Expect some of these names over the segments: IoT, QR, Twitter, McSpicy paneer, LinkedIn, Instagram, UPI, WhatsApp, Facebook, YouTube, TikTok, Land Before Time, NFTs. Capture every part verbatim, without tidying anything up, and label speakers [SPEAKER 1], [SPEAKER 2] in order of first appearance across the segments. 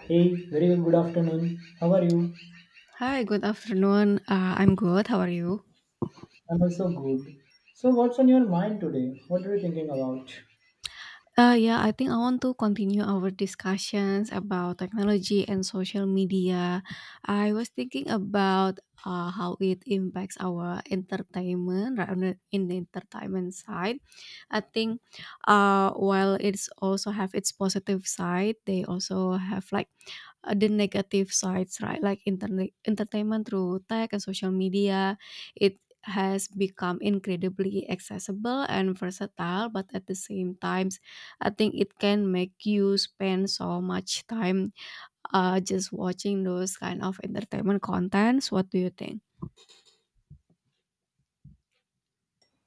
[SPEAKER 1] Hey, very good afternoon. How are you?
[SPEAKER 2] Hi, good afternoon. Uh, I'm good. How are you?
[SPEAKER 1] I'm also good. So, what's on your mind today? What are you thinking about?
[SPEAKER 2] Uh, yeah, I think I want to continue our discussions about technology and social media. I was thinking about uh, how it impacts our entertainment, right, on the- in the entertainment side. I think uh, while it's also have its positive side, they also have like uh, the negative sides, right? Like internet entertainment through tech and social media, it has become incredibly accessible and versatile, but at the same times, I think it can make you spend so much time uh, just watching those kind of entertainment contents. What do you think?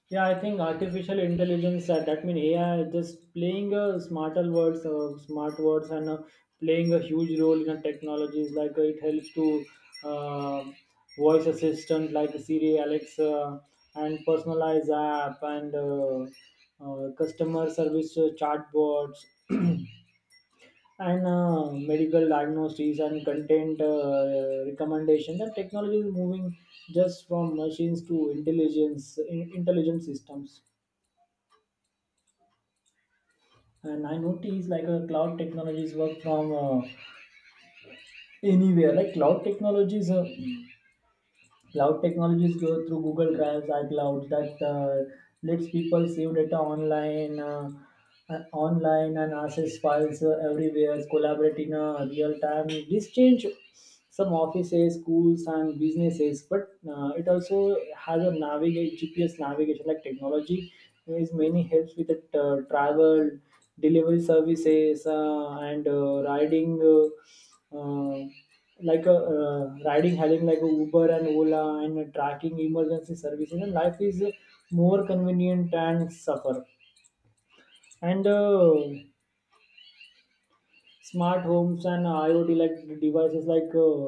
[SPEAKER 1] Yeah, I think artificial intelligence, uh, that means A I, just playing uh, smarter words, uh, smart words, and uh, playing a huge role in uh, technologies. Like uh, it helps to uh, voice assistant like Siri, Alexa, and personalized app and uh, uh, customer service uh, chatbots and uh, medical diagnoses and content uh, recommendation that technology is moving just from machines to intelligence in, intelligent systems, and I notice like a cloud technologies work from uh, anywhere. Like cloud technologies uh, cloud technologies go through Google Drives, iCloud that uh, lets people save data online, uh, uh, online, and access files uh, everywhere, collaborate in uh, real time. This change some offices, schools, and businesses, but uh, it also has a navigate G P S navigation like technology. There is many helps with the uh, travel, delivery services, uh, and uh, riding. Uh, uh, like a uh, riding having like a Uber and Ola, and tracking emergency services, and life is more convenient and suffer, and uh, smart homes and IoT like devices like uh,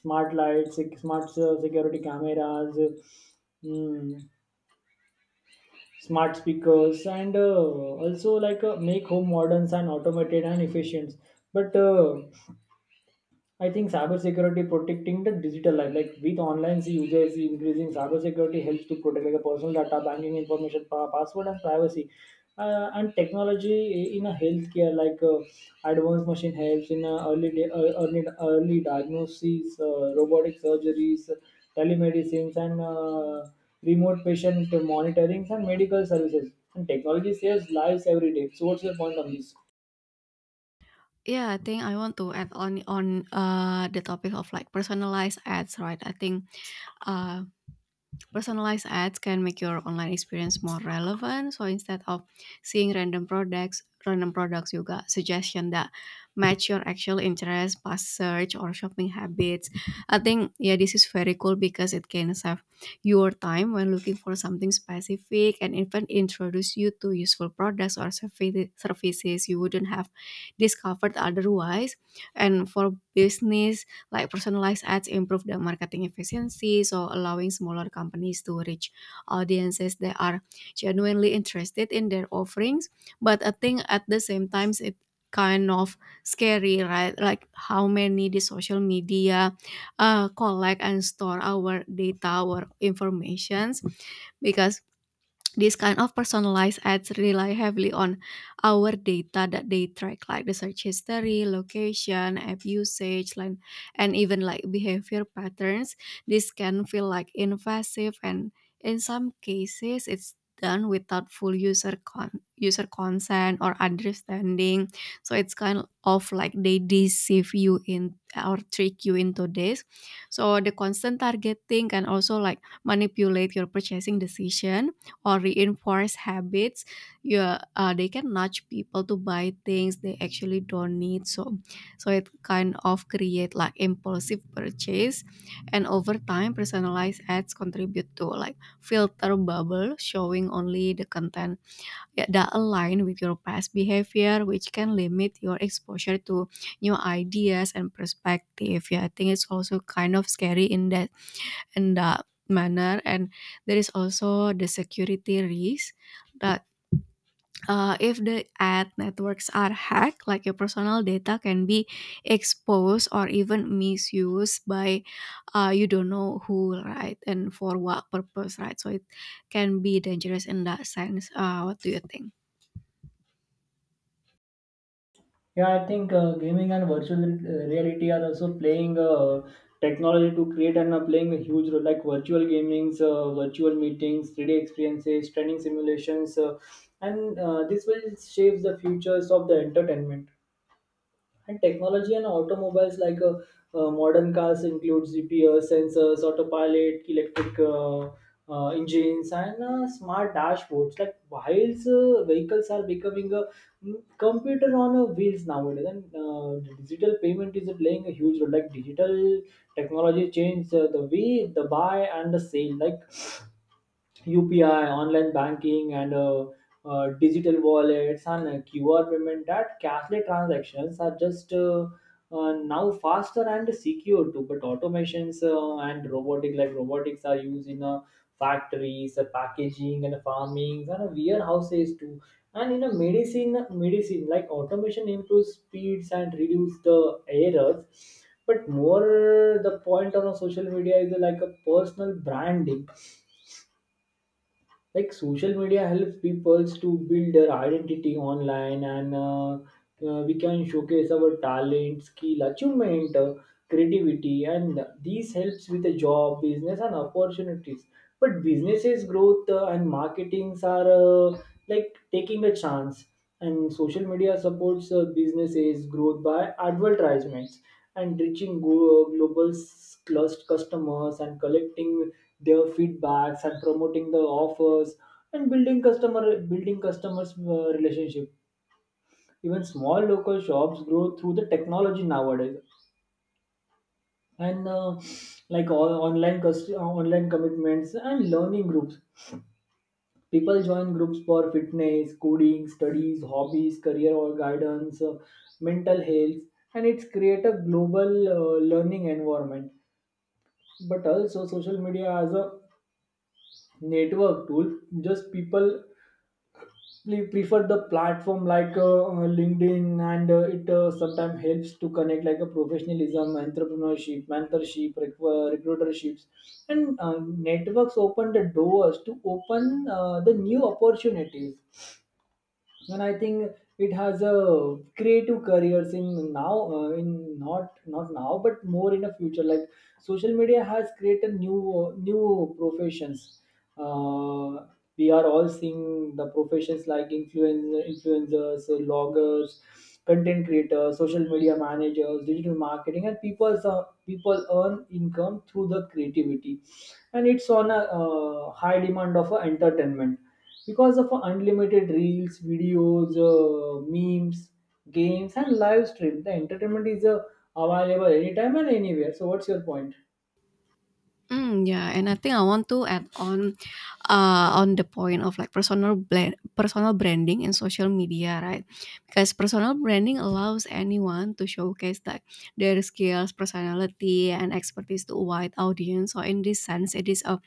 [SPEAKER 1] smart lights, sec- smart uh, security cameras, mm, smart speakers, and uh, also like uh, make home moderns and automated and efficient. But uh, I think cybersecurity protecting the digital life, like with online users increasing, cybersecurity helps to protect like a personal data, banking information, pa- password, and privacy. Uh, and technology in a healthcare, like uh, advanced machine helps in uh, early, day, uh, early early diagnoses, uh, robotic surgeries, telemedicines, and uh, remote patient monitoring and medical services. And technology saves lives every day. So, what's your point on this?
[SPEAKER 2] Yeah, I think I want to add on on uh, the topic of like personalized ads, right? I think uh, Personalized ads can make your online experience more relevant. So instead of seeing random products, random products you got suggestion that match your actual interest, past search or shopping habits. I think yeah, this is very cool because it can save your time when looking for something specific and even introduce you to useful products or service- services you wouldn't have discovered otherwise. And for business, like personalized ads improve the marketing efficiency, so allowing smaller companies to reach audiences that are genuinely interested in their offerings. But I think at the same time, it kind of scary, right? Like how many the social media uh, collect and store our data, our informations, because this kind of personalized ads rely heavily on our data that they track, like the search history, location, app usage, like, and even like behavior patterns. This can feel like invasive, and in some cases, it's done without full user con- user consent or understanding. So it's kind of like they deceive you in or trick you into this. So the constant targeting can also like manipulate your purchasing decision or reinforce habits you uh, they can nudge people to buy things they actually don't need, so so it kind of create like impulsive purchase. And over time personalized ads contribute to like filter bubble showing only the content, yeah, that align with your past behavior, which can limit your exposure to new ideas and perspective. Yeah, I think it's also kind of scary in that, in the manner, and there is also the security risk that uh, if the ad networks are hacked, like your personal data can be exposed or even misused by uh, you don't know who, right, and for what purpose, right? So it can be dangerous in that sense. Uh, what do you think?
[SPEAKER 1] Yeah, I think uh, gaming and virtual re- reality are also playing uh, technology to create and uh, playing a huge role, like virtual gamings, uh, virtual meetings, three D experiences, training simulations, uh, and uh, this will shape the futures of the entertainment. And technology and automobiles like uh, uh, modern cars include G P S, sensors, autopilot, electric uh, uh, engines, and uh, smart dashboards. Like whilst uh, vehicles are becoming a mm, computer on a wheels nowadays, and uh, the digital payment is playing a huge role. Like digital technology changed uh, the way the buy and the sale. Like U P I, online banking, and uh, uh, digital wallets and uh, Q R payment that cashless transactions are just uh, uh, now faster and secure too. But automations uh, and robotic like robotics are used in uh, factories, uh, packaging, and farming, and uh, warehouses too. And in a medicine, medicine like automation improves speeds and reduce the errors. But more the point on a social media is uh, like a personal branding, like social media helps people to build their identity online, and uh, uh, we can showcase our talent, skill, achievement, uh, creativity, and these helps with the job, business, and opportunities. But businesses growth uh, and marketings are uh, like taking a chance, and social media supports uh, businesses growth by advertisements and reaching go- global s- clust customers and collecting their feedbacks and promoting the offers, and building customer building customers uh, relationship. Even small local shops grow through the technology nowadays, and uh, like all online cust- uh, online commitments and learning groups, people join groups for fitness, coding, studies, hobbies, career, or guidance, uh, mental health, and it's create a global uh, learning environment. But also social media as a network tool, just people, we prefer the platform like uh, uh, LinkedIn, and uh, it uh, sometimes helps to connect like a professionalism, entrepreneurship, mentorship, recru- recruiterships, and uh, networks open the doors to open uh, the new opportunities. And I think it has a creative careers in now uh, in not not now, but more in the future. Like social media has created new new professions. uh, we are all seeing the professions like influencer influencers, bloggers, content creators, social media managers, digital marketing, and people uh, people earn income through the creativity, and it's on a uh, high demand of uh, entertainment because of uh, unlimited reels, videos, uh, memes, games, and live stream. The entertainment is uh, available anytime and anywhere. So, what's your point?
[SPEAKER 2] Mm, yeah, and I think I want to add on, uh, on the point of like personal blend, personal branding and social media, right? Because personal branding allows anyone to showcase like their skills, personality, and expertise to a wide audience. So in this sense, it is a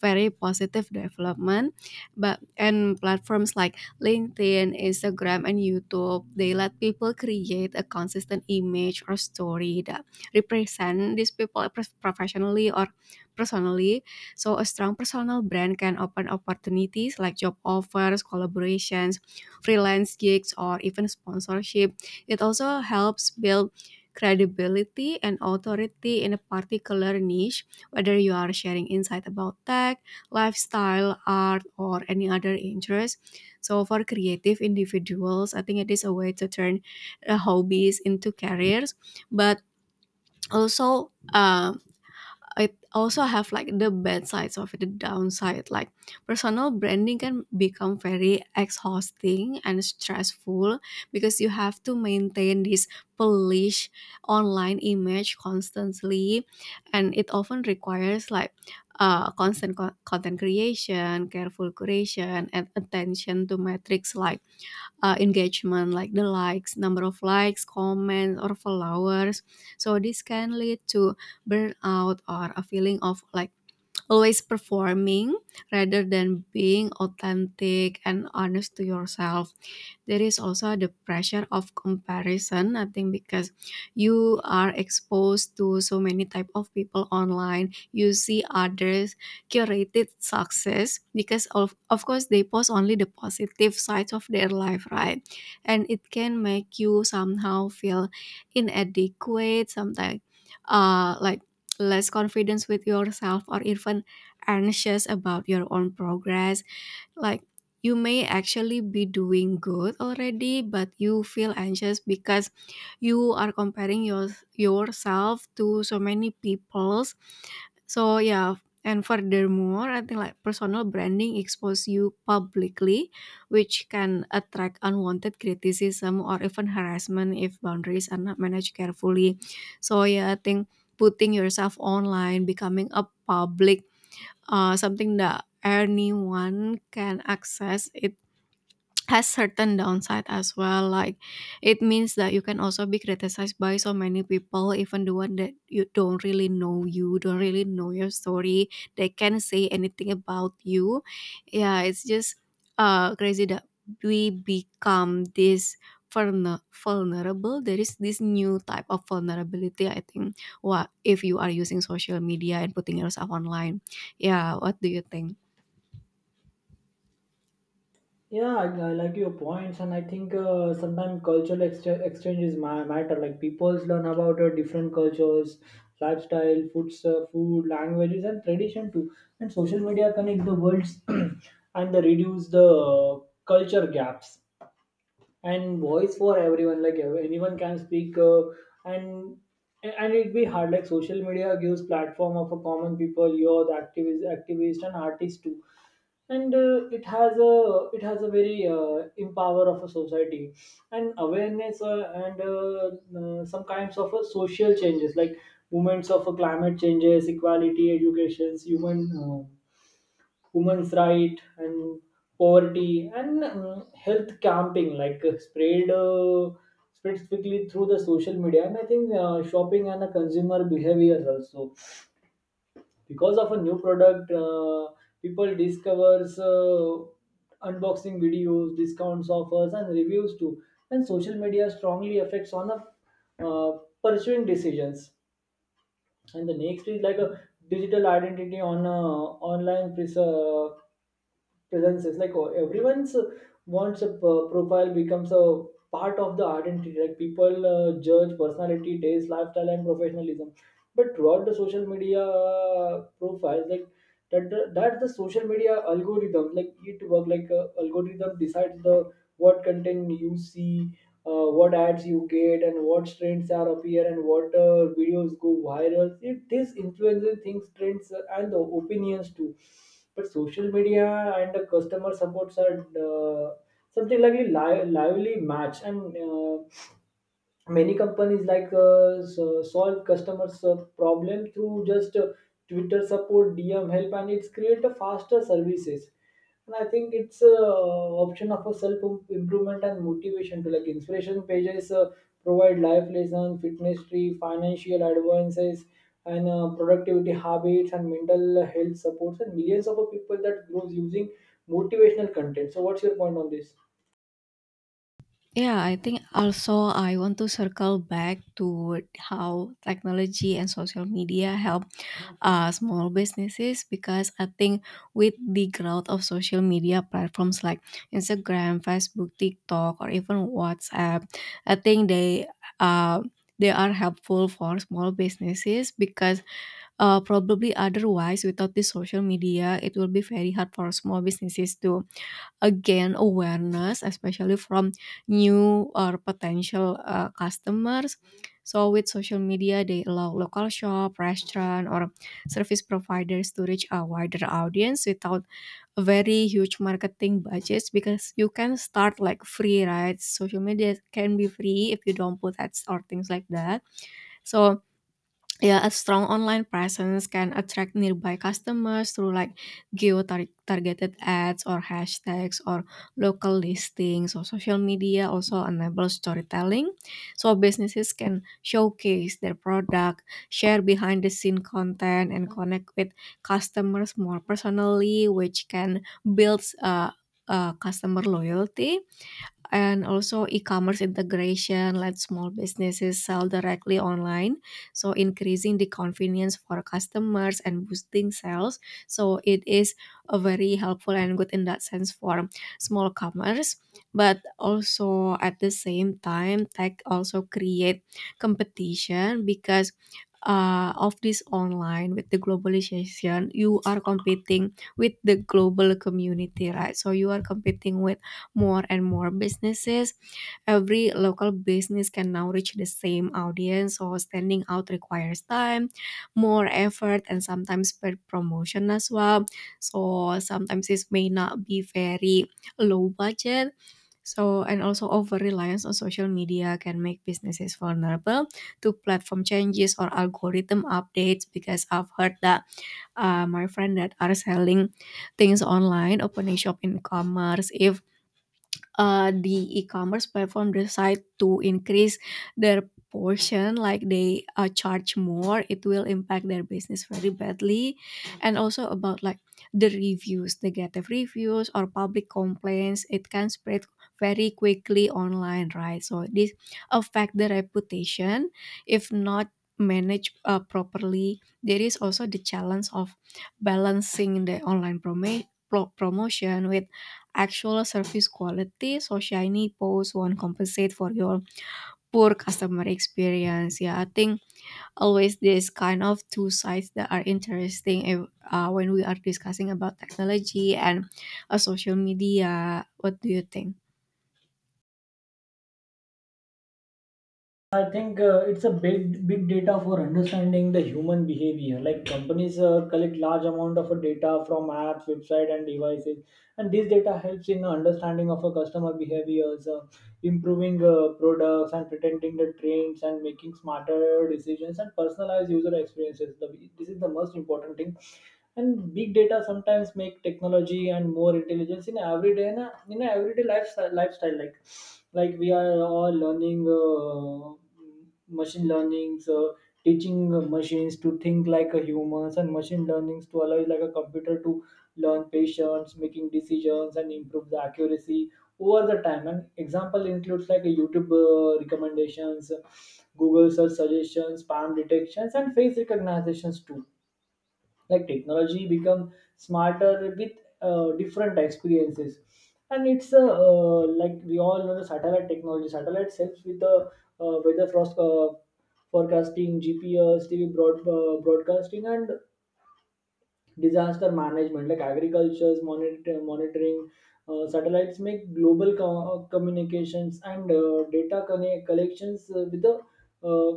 [SPEAKER 2] very positive development. But and platforms like LinkedIn, Instagram, and YouTube, they let people create a consistent image or story that represent these people prof- professionally or personally, so a strong personal brand can open opportunities like job offers, collaborations, freelance gigs, or even sponsorship. It also helps build credibility and authority in a particular niche, whether you are sharing insight about tech, lifestyle, art, or any other interest. So, for creative individuals, I think it is a way to turn uh, hobbies into careers, but also. Um, It also have like the bad sides of it, the downside. Like personal branding can become very exhausting and stressful because you have to maintain this polished online image constantly, and it often requires like uh, constant co- content creation, careful curation, and attention to metrics like uh, engagement like the likes number of likes, comments, or followers. So this can lead to burnout or a feeling of like always performing rather than being authentic and honest to yourself. There is also the pressure of comparison, I think, because you are exposed to so many type of people online. You see others curated success because of, of course, they post only the positive sides of their life, right? And it can make you somehow feel inadequate, sometimes uh like less confidence with yourself, or even anxious about your own progress. Like you may actually be doing good already, but you feel anxious because you are comparing your yourself to so many people's. So yeah, and furthermore, I think like personal branding expose you publicly, which can attract unwanted criticism or even harassment if boundaries are not managed carefully. So yeah, I think putting yourself online, becoming a public uh, something that anyone can access it, has certain downside as well. Like it means that you can also be criticized by so many people, even the one that you don't really know you don't really know your story. They can't say anything about you. Yeah, it's just uh crazy that we become this vulner- vulnerable. There is this new type of vulnerability, I think, what if you are using social media and putting yourself online. Yeah, what do you think?
[SPEAKER 1] yeah i, I like your points, and I think uh, sometimes cultural ex- exchange is ma- matter. Like people learn about uh, different cultures, lifestyle, foods, uh, food, languages, and tradition too, and social media connect the worlds and they reduce the uh, culture gaps, and voice for everyone. Like ev- anyone can speak, uh, and and it'd be hard. Like social media gives platform of a common people, you're the activist activist and artist too, and uh, it has a it has a very uh, empower of a society and awareness, uh, and uh, uh, some kinds of uh, social changes, like movements of uh, climate changes, equality, educations, human uh, women's right, and poverty, and um, health camping like uh, spread uh, spread quickly through the social media. And I think uh, shopping and the consumer behavior also, because of a new product uh, people discovers uh, unboxing videos, discounts, offers, and reviews too, and social media strongly affects on a uh, pursuing decisions. And the next is like a digital identity on uh, online pres- uh, presence is like, oh, everyone's uh, wants a p- profile becomes a part of the identity. Like people uh, judge personality, taste, lifestyle, and professionalism, but throughout the social media uh, profiles, like that the- that that's the social media algorithm. Like it work like uh, algorithm decides the what content you see, uh, what ads you get, and what trends are appear, and what uh, videos go viral. It, this influences things, trends, uh, and the opinions too. But social media and the customer supports are uh, something like a li- lively match, and uh, many companies like uh, so- solve customers uh, problem through just uh, Twitter support, DM help, and it's create a faster services. And I think it's a option of a self improvement and motivation to like inspiration pages uh, provide life lesson, fitness tree, financial advances, and uh, productivity habits and mental health supports, and millions of people that grows using motivational content. So, what's your point on this?
[SPEAKER 2] Yeah, I think also I want to circle back to how technology and social media help uh, small businesses, because I think with the growth of social media platforms like Instagram, Facebook, TikTok, or even WhatsApp, I think they uh, they are helpful for small businesses because uh, probably otherwise without the social media it will be very hard for small businesses to again awareness, especially from new or potential uh, customers. So with social media, they allow local shop, restaurant, or service providers to reach a wider audience without a very huge marketing budgets, because you can start like free, right? Social media can be free if you don't put ads or things like that. So yeah, a strong online presence can attract nearby customers through like geo-targeted ads or hashtags or local listings. So social media also enables storytelling. So businesses can showcase their product, share behind the scene content and connect with customers more personally, which can build uh, uh, customer loyalty. And also e-commerce integration lets small businesses sell directly online, so increasing the convenience for customers and boosting sales. So it is a very helpful and good in that sense for small commerce, but also at the same time tech also create competition, because uh, of this online with the globalization you are competing with the global community, right? So you are competing with more and more businesses. Every local business can now reach the same audience, so standing out requires time, more effort, and sometimes per promotion as well. So sometimes this may not be very low budget. So, and also over reliance on social media can make businesses vulnerable to platform changes or algorithm updates, because I've heard that uh, my friend that are selling things online, opening shop in commerce, if uh, the e-commerce platform decide to increase their portion, like they uh, charge more, it will impact their business very badly. And also about like the reviews, negative reviews or public complaints, it can spread very quickly online, right? So this affect the reputation if not managed uh, properly. There is also the challenge of balancing the online promo pro- promotion with actual service quality. So shiny posts won't compensate for your poor customer experience. Yeah, I think always this kind of two sides that are interesting if, uh, when we are discussing about technology and uh, social media. What do you think?
[SPEAKER 1] I think uh, it's a big big data for understanding the human behavior. Like companies uh, collect large amount of uh, data from apps, website, and devices, and this data helps in understanding of a customer behaviors, uh, improving uh, products, and pretending the trends, and making smarter decisions and personalized user experiences. The, this is the most important thing, and big data sometimes make technology and more intelligence in everyday in, a, in a everyday lifestyle, lifestyle. like like we are all learning uh, machine learnings, uh, teaching machines to think like a humans, and machine learnings to allow like a computer to learn patience, making decisions, and improve the accuracy over the time. And example includes like a YouTube uh, recommendations, Google search suggestions, spam detections, and face recognitions too. Like technology become smarter with uh, different experiences. And it's a uh, like we all know the satellite technology. Satellite helps with the uh, weather frost, uh, forecasting, GPS, TV broad, uh, broadcasting, and disaster management, like agriculture's monitor, monitoring. Uh, satellites make global co- communications and uh, data connect- collections uh, with the uh,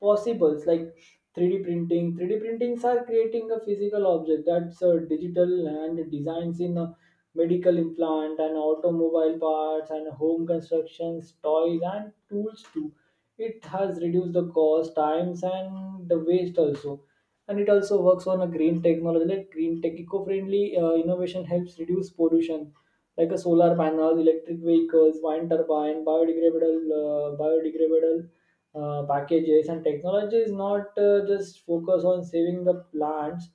[SPEAKER 1] possibles like three D printing. three D printings are creating a physical object that's uh, digital and designs in uh, medical implant, and automobile parts, and home constructions, toys, and tools too. It has reduced the cost, times, and the waste also. And it also works on a green technology. Like green tech eco-friendly uh, innovation helps reduce pollution, like a solar panels, electric vehicles, wind turbine, biodegradable uh, biodegradable uh, packages. And technology is not uh, just focus on saving the plants.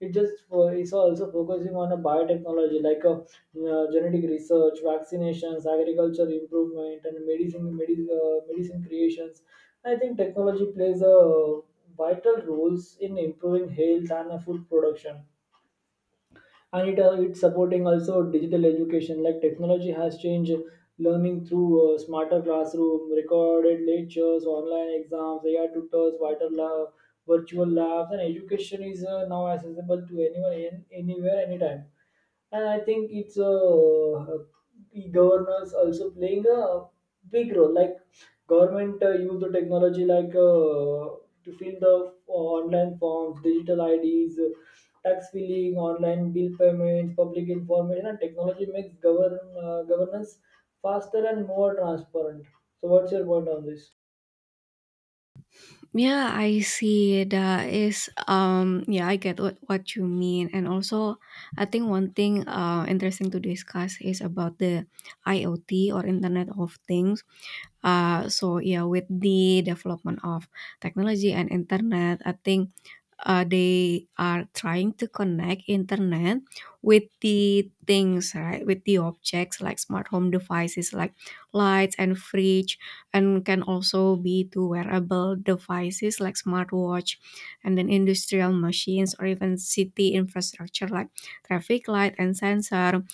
[SPEAKER 1] It just uh, is also focusing on a biotechnology, like a uh, genetic research, vaccinations, agriculture improvement, and medicine medicine, uh, medicine creations. I think technology plays a vital roles in improving health and uh, food production, and it uh, it's supporting also digital education. Like technology has changed learning through uh, smarter classroom, recorded lectures, online exams, A I tutors, vital lab, virtual labs, and education is uh, now accessible to anyone, in, anywhere, anytime. And I think it's uh, uh, e governors also playing a big role. Like government uh, use the technology like uh, to fill the online forms, digital I Ds, tax filing, online bill payments, public information, and technology makes govern uh, governance faster and more transparent. So, what's your point on this?
[SPEAKER 2] Yeah, I see. That is, um, yeah, I get what, what you mean. And also, I think one thing uh, interesting to discuss is about the IoT or Internet of Things. Uh, so yeah, with the development of technology and internet, I think uh, they are trying to connect internet with the things, right? With the objects like smart home devices like lights and fridge, and can also be to wearable devices like smartwatch, and then industrial machines or even city infrastructure like traffic light and sensor.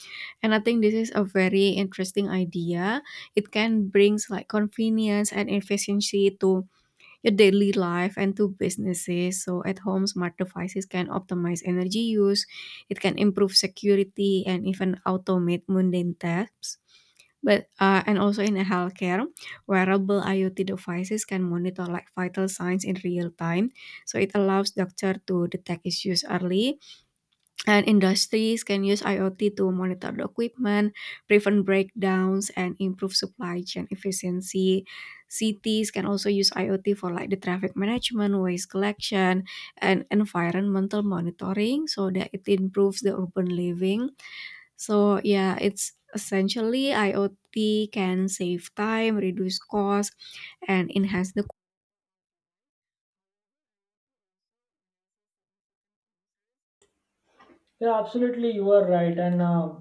[SPEAKER 2] And I think this is a very interesting idea. It can brings like convenience and efficiency to your daily life and to businesses. So at home smart devices can optimize energy use, it can improve security and even automate mundane tasks. But uh, and also in healthcare, wearable IoT devices can monitor like vital signs in real time, so it allows doctor to detect issues early. And industries can use IoT to monitor the equipment, prevent breakdowns and improve supply chain efficiency. Cities can also use IoT for like the traffic management, waste collection, and environmental monitoring, so that it improves the urban living. So yeah, it's essentially IoT can save time, reduce cost, and enhance the.
[SPEAKER 1] Yeah, absolutely, you are right, and uh,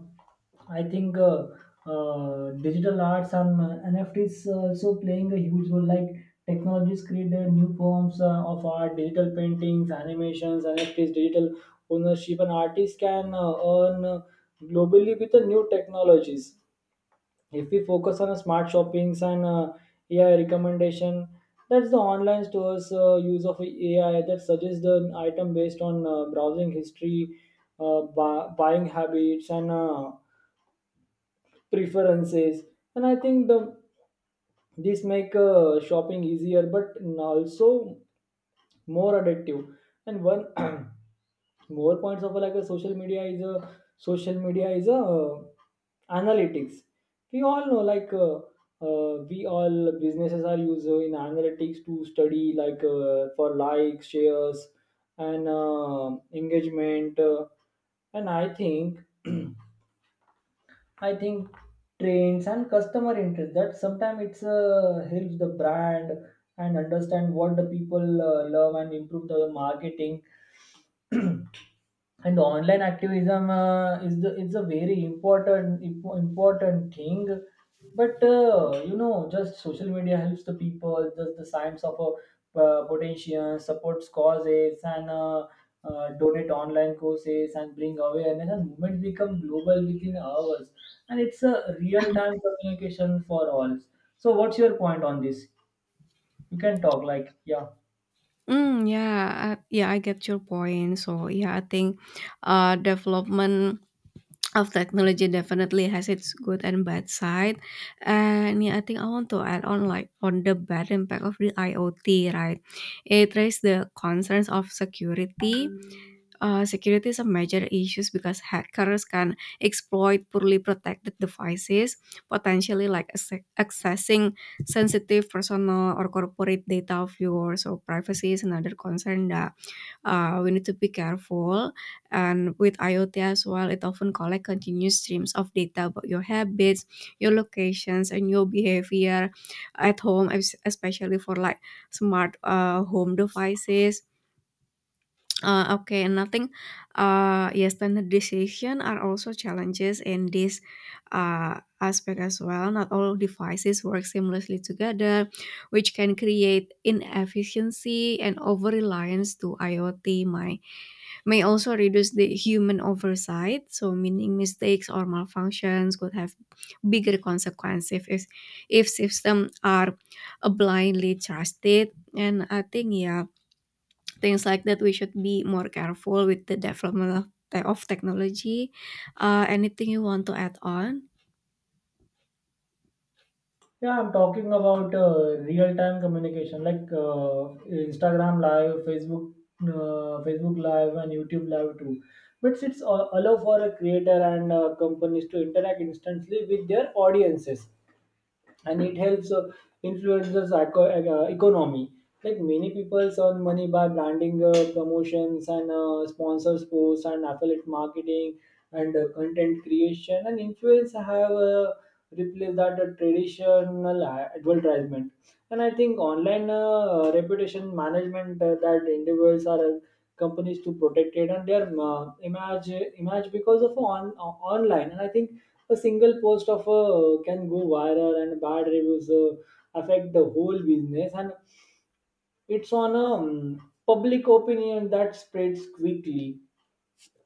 [SPEAKER 1] I think uh, uh, digital arts and uh, N F Ts also playing a huge role. Like technologies create their new forms uh, of art, digital paintings, animations, N F Ts, digital ownership, and artists can uh, earn uh, globally with the new technologies if we focus on smart shoppings and uh, A I recommendation. That's the online stores uh, use of A I that suggests the item based on uh, browsing history, uh, bu- buying habits, and uh, preferences. And I think the this make uh, shopping easier, but also more addictive. And one more points of like a social media is a social media is a uh, analytics. We all know like uh, uh, we all businesses are used in analytics to study like uh, for likes, shares and uh, engagement, uh, and I think I think trends and customer interest that sometimes it's uh, helps the brand and understand what the people uh, love and improve the marketing. And online activism uh, is the it's a very important imp- important thing, but uh, you know just social media helps the people just the science of a uh, potential supports causes and uh, uh, donate online courses and bring awareness, and movements become global within hours. And it's a real time communication for all. So what's your point on this? You can talk like. Yeah,
[SPEAKER 2] Mm, yeah, I- yeah, I get your point. So yeah, I think uh, development of technology definitely has its good and bad side. And yeah, I think I want to add on like on the bad impact of the IoT, right? It raises the concerns of security. Uh, security is a major issue because hackers can exploit poorly protected devices, potentially like acce- accessing sensitive personal or corporate data of yours. So privacy is another concern that uh, we need to be careful. And with IoT as well, it often collects continuous streams of data about your habits, your locations, and your behavior at home, es- especially for like smart uh, home devices uh, okay, nothing. Uh, yes, standard decision are also challenges in this uh, aspect as well. Not all devices work seamlessly together, which can create inefficiency and over reliance to IoT. My may also reduce the human oversight, so meaning mistakes or malfunctions could have bigger consequences if if systems are blindly trusted. And I think yeah, things like that we should be more careful with the development of, of technology. Uh, anything you want to add on?
[SPEAKER 1] yeah, I'm talking about uh, real-time communication like uh, Instagram Live, Facebook, uh, Facebook Live, and YouTube Live too. But it's uh, allow for a creator and uh, companies to interact instantly with their audiences, and it helps uh, influence the psycho- uh, economy. Like many people earn money by branding, uh, promotions, and uh, sponsors posts and affiliate marketing and uh, content creation. And influence have uh, replaced that uh, traditional a- advertisement. And I think online uh, reputation management, uh, that individuals are companies to protect it and their uh, image, image because of on uh, online. And I think a single post of a can go viral and bad reviews uh, affect the whole business, and it's on a um, public opinion that spreads quickly,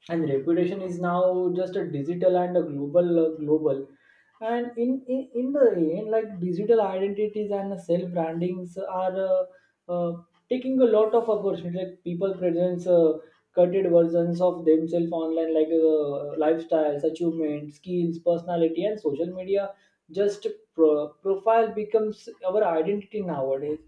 [SPEAKER 1] and reputation is now just a digital and a global uh, global. And in, in in the end, like digital identities and self brandings are uh, uh, taking a lot of opportunity. Like people presents uh, cutted versions of themselves online, like uh, lifestyles, achievements, skills, personality, and social media just pro- profile becomes our identity nowadays.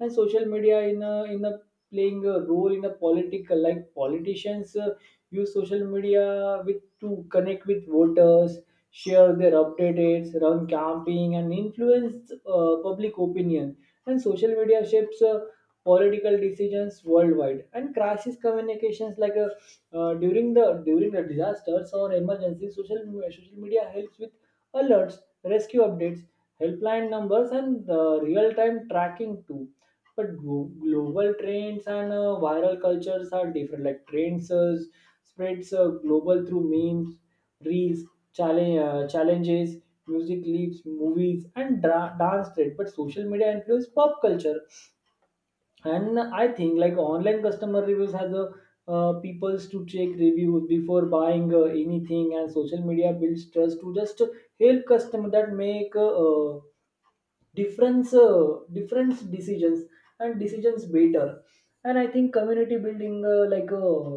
[SPEAKER 1] And social media in a in a playing a role in a political, like politicians uh, use social media with to connect with voters, share their updates, run campaign, and influence uh, public opinion. And social media shapes uh, political decisions worldwide. And crisis communications, like a uh, during the during the disasters or emergency, social social media helps with alerts, rescue updates, helpline numbers, and uh, real time tracking too. But glo- global trends and uh, viral cultures are different. Like trends uh, spreads uh, global through memes, reels, challenge, uh, challenges, music clips, movies, and dra- dance trend. But social media influence pop culture. And I think like online customer reviews has a uh, peoples to check reviews before buying uh, anything, and social media builds trust to just help customer that make uh, uh, difference uh, difference decisions and decisions better. And I think community building, uh, like uh,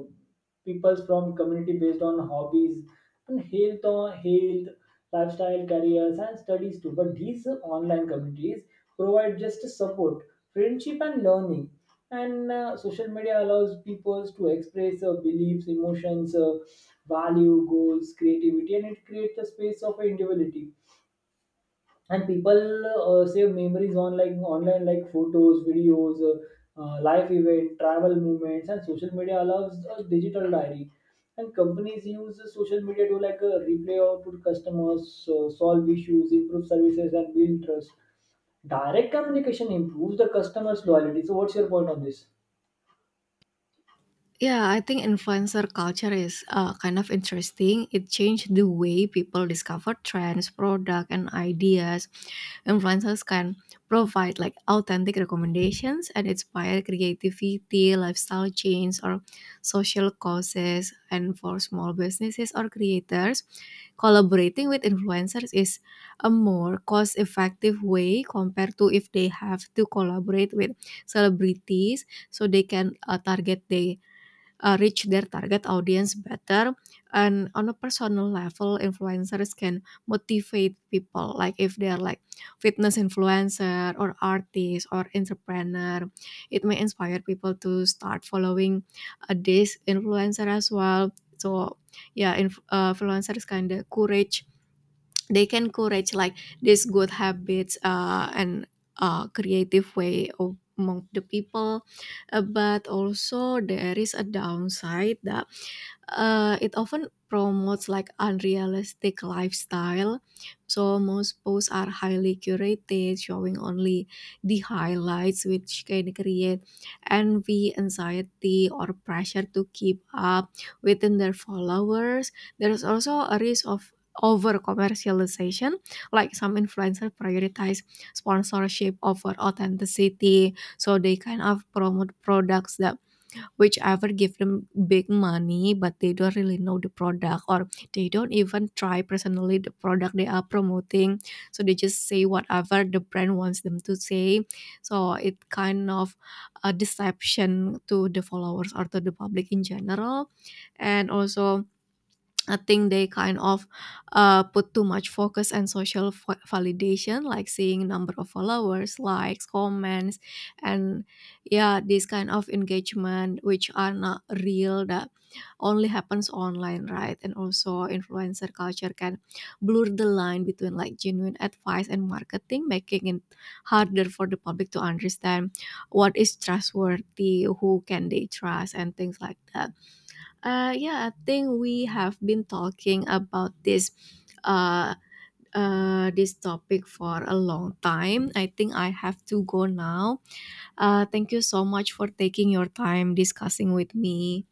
[SPEAKER 1] people from community based on hobbies and health or health, lifestyle, careers, and studies too, but these online communities provide just support, friendship, and learning. And uh, social media allows people to express uh, beliefs, emotions, uh, value, goals, creativity, and it creates a space of individuality. And people uh, save memories on like online, like photos, videos, uh, uh, live event, travel, movements, and social media allows a digital diary. And companies use the social media to like uh, replay out to customers, uh, solve issues, improve services, and build trust. Direct communication improves the customers loyalty. So what's your point on this?
[SPEAKER 2] Yeah, I think influencer culture is uh, kind of interesting. It changed the way people discover trends, product, and ideas. Influencers can provide like authentic recommendations and inspire creativity, lifestyle change, or social causes. And for small businesses or creators, collaborating with influencers is a more cost-effective way compared to if they have to collaborate with celebrities, so they can uh, target their uh, reach their target audience better. And on a personal level, influencers can motivate people, like if they're like fitness influencer or artist or entrepreneur, it may inspire people to start following uh, this influencer as well. So yeah, inf- uh, influencers kind of courage, they can encourage like these good habits uh, and uh, creative way of among the people. Uh, but also there is a downside that uh, it often promotes like unrealistic lifestyle. So most posts are highly curated, showing only the highlights, which can create envy, anxiety, or pressure to keep up within their followers. There is also a risk of over commercialization, like some influencers prioritize sponsorship over authenticity, so they kind of promote products that whichever give them big money, but they don't really know the product or they don't even try personally the product they are promoting. So they just say whatever the brand wants them to say. So it kind of a deception to the followers or to the public in general. And also I think they kind of uh, put too much focus on social va- validation, like seeing number of followers, likes, comments, and yeah, this kind of engagement which are not real, that only happens online, right? And also influencer culture can blur the line between like genuine advice and marketing, making it harder for the public to understand what is trustworthy, who can they trust, and things like that. Uh, yeah, I think we have been talking about this uh, uh, this topic for a long time. I think I have to go now. Uh, thank you so much for taking your time discussing with me.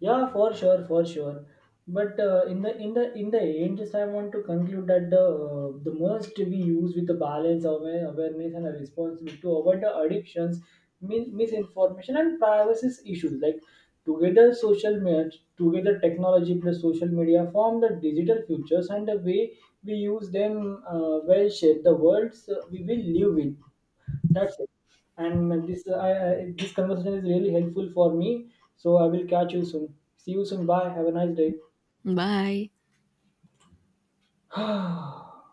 [SPEAKER 1] Yeah, for sure, for sure. But uh, in the in the in the end, just I want to conclude that the uh, the must we use with the balance of awareness and a responsibility to avoid the addictions, min- misinformation, and privacy issues. Like together, social media, together technology plus social media form the digital futures, and the way we use them uh, will shape the worlds uh, we will live in. That's it. And this uh, I, I, this conversation is really helpful for me. So I will catch you soon. See you soon. Bye. Have a nice day.
[SPEAKER 2] Bye.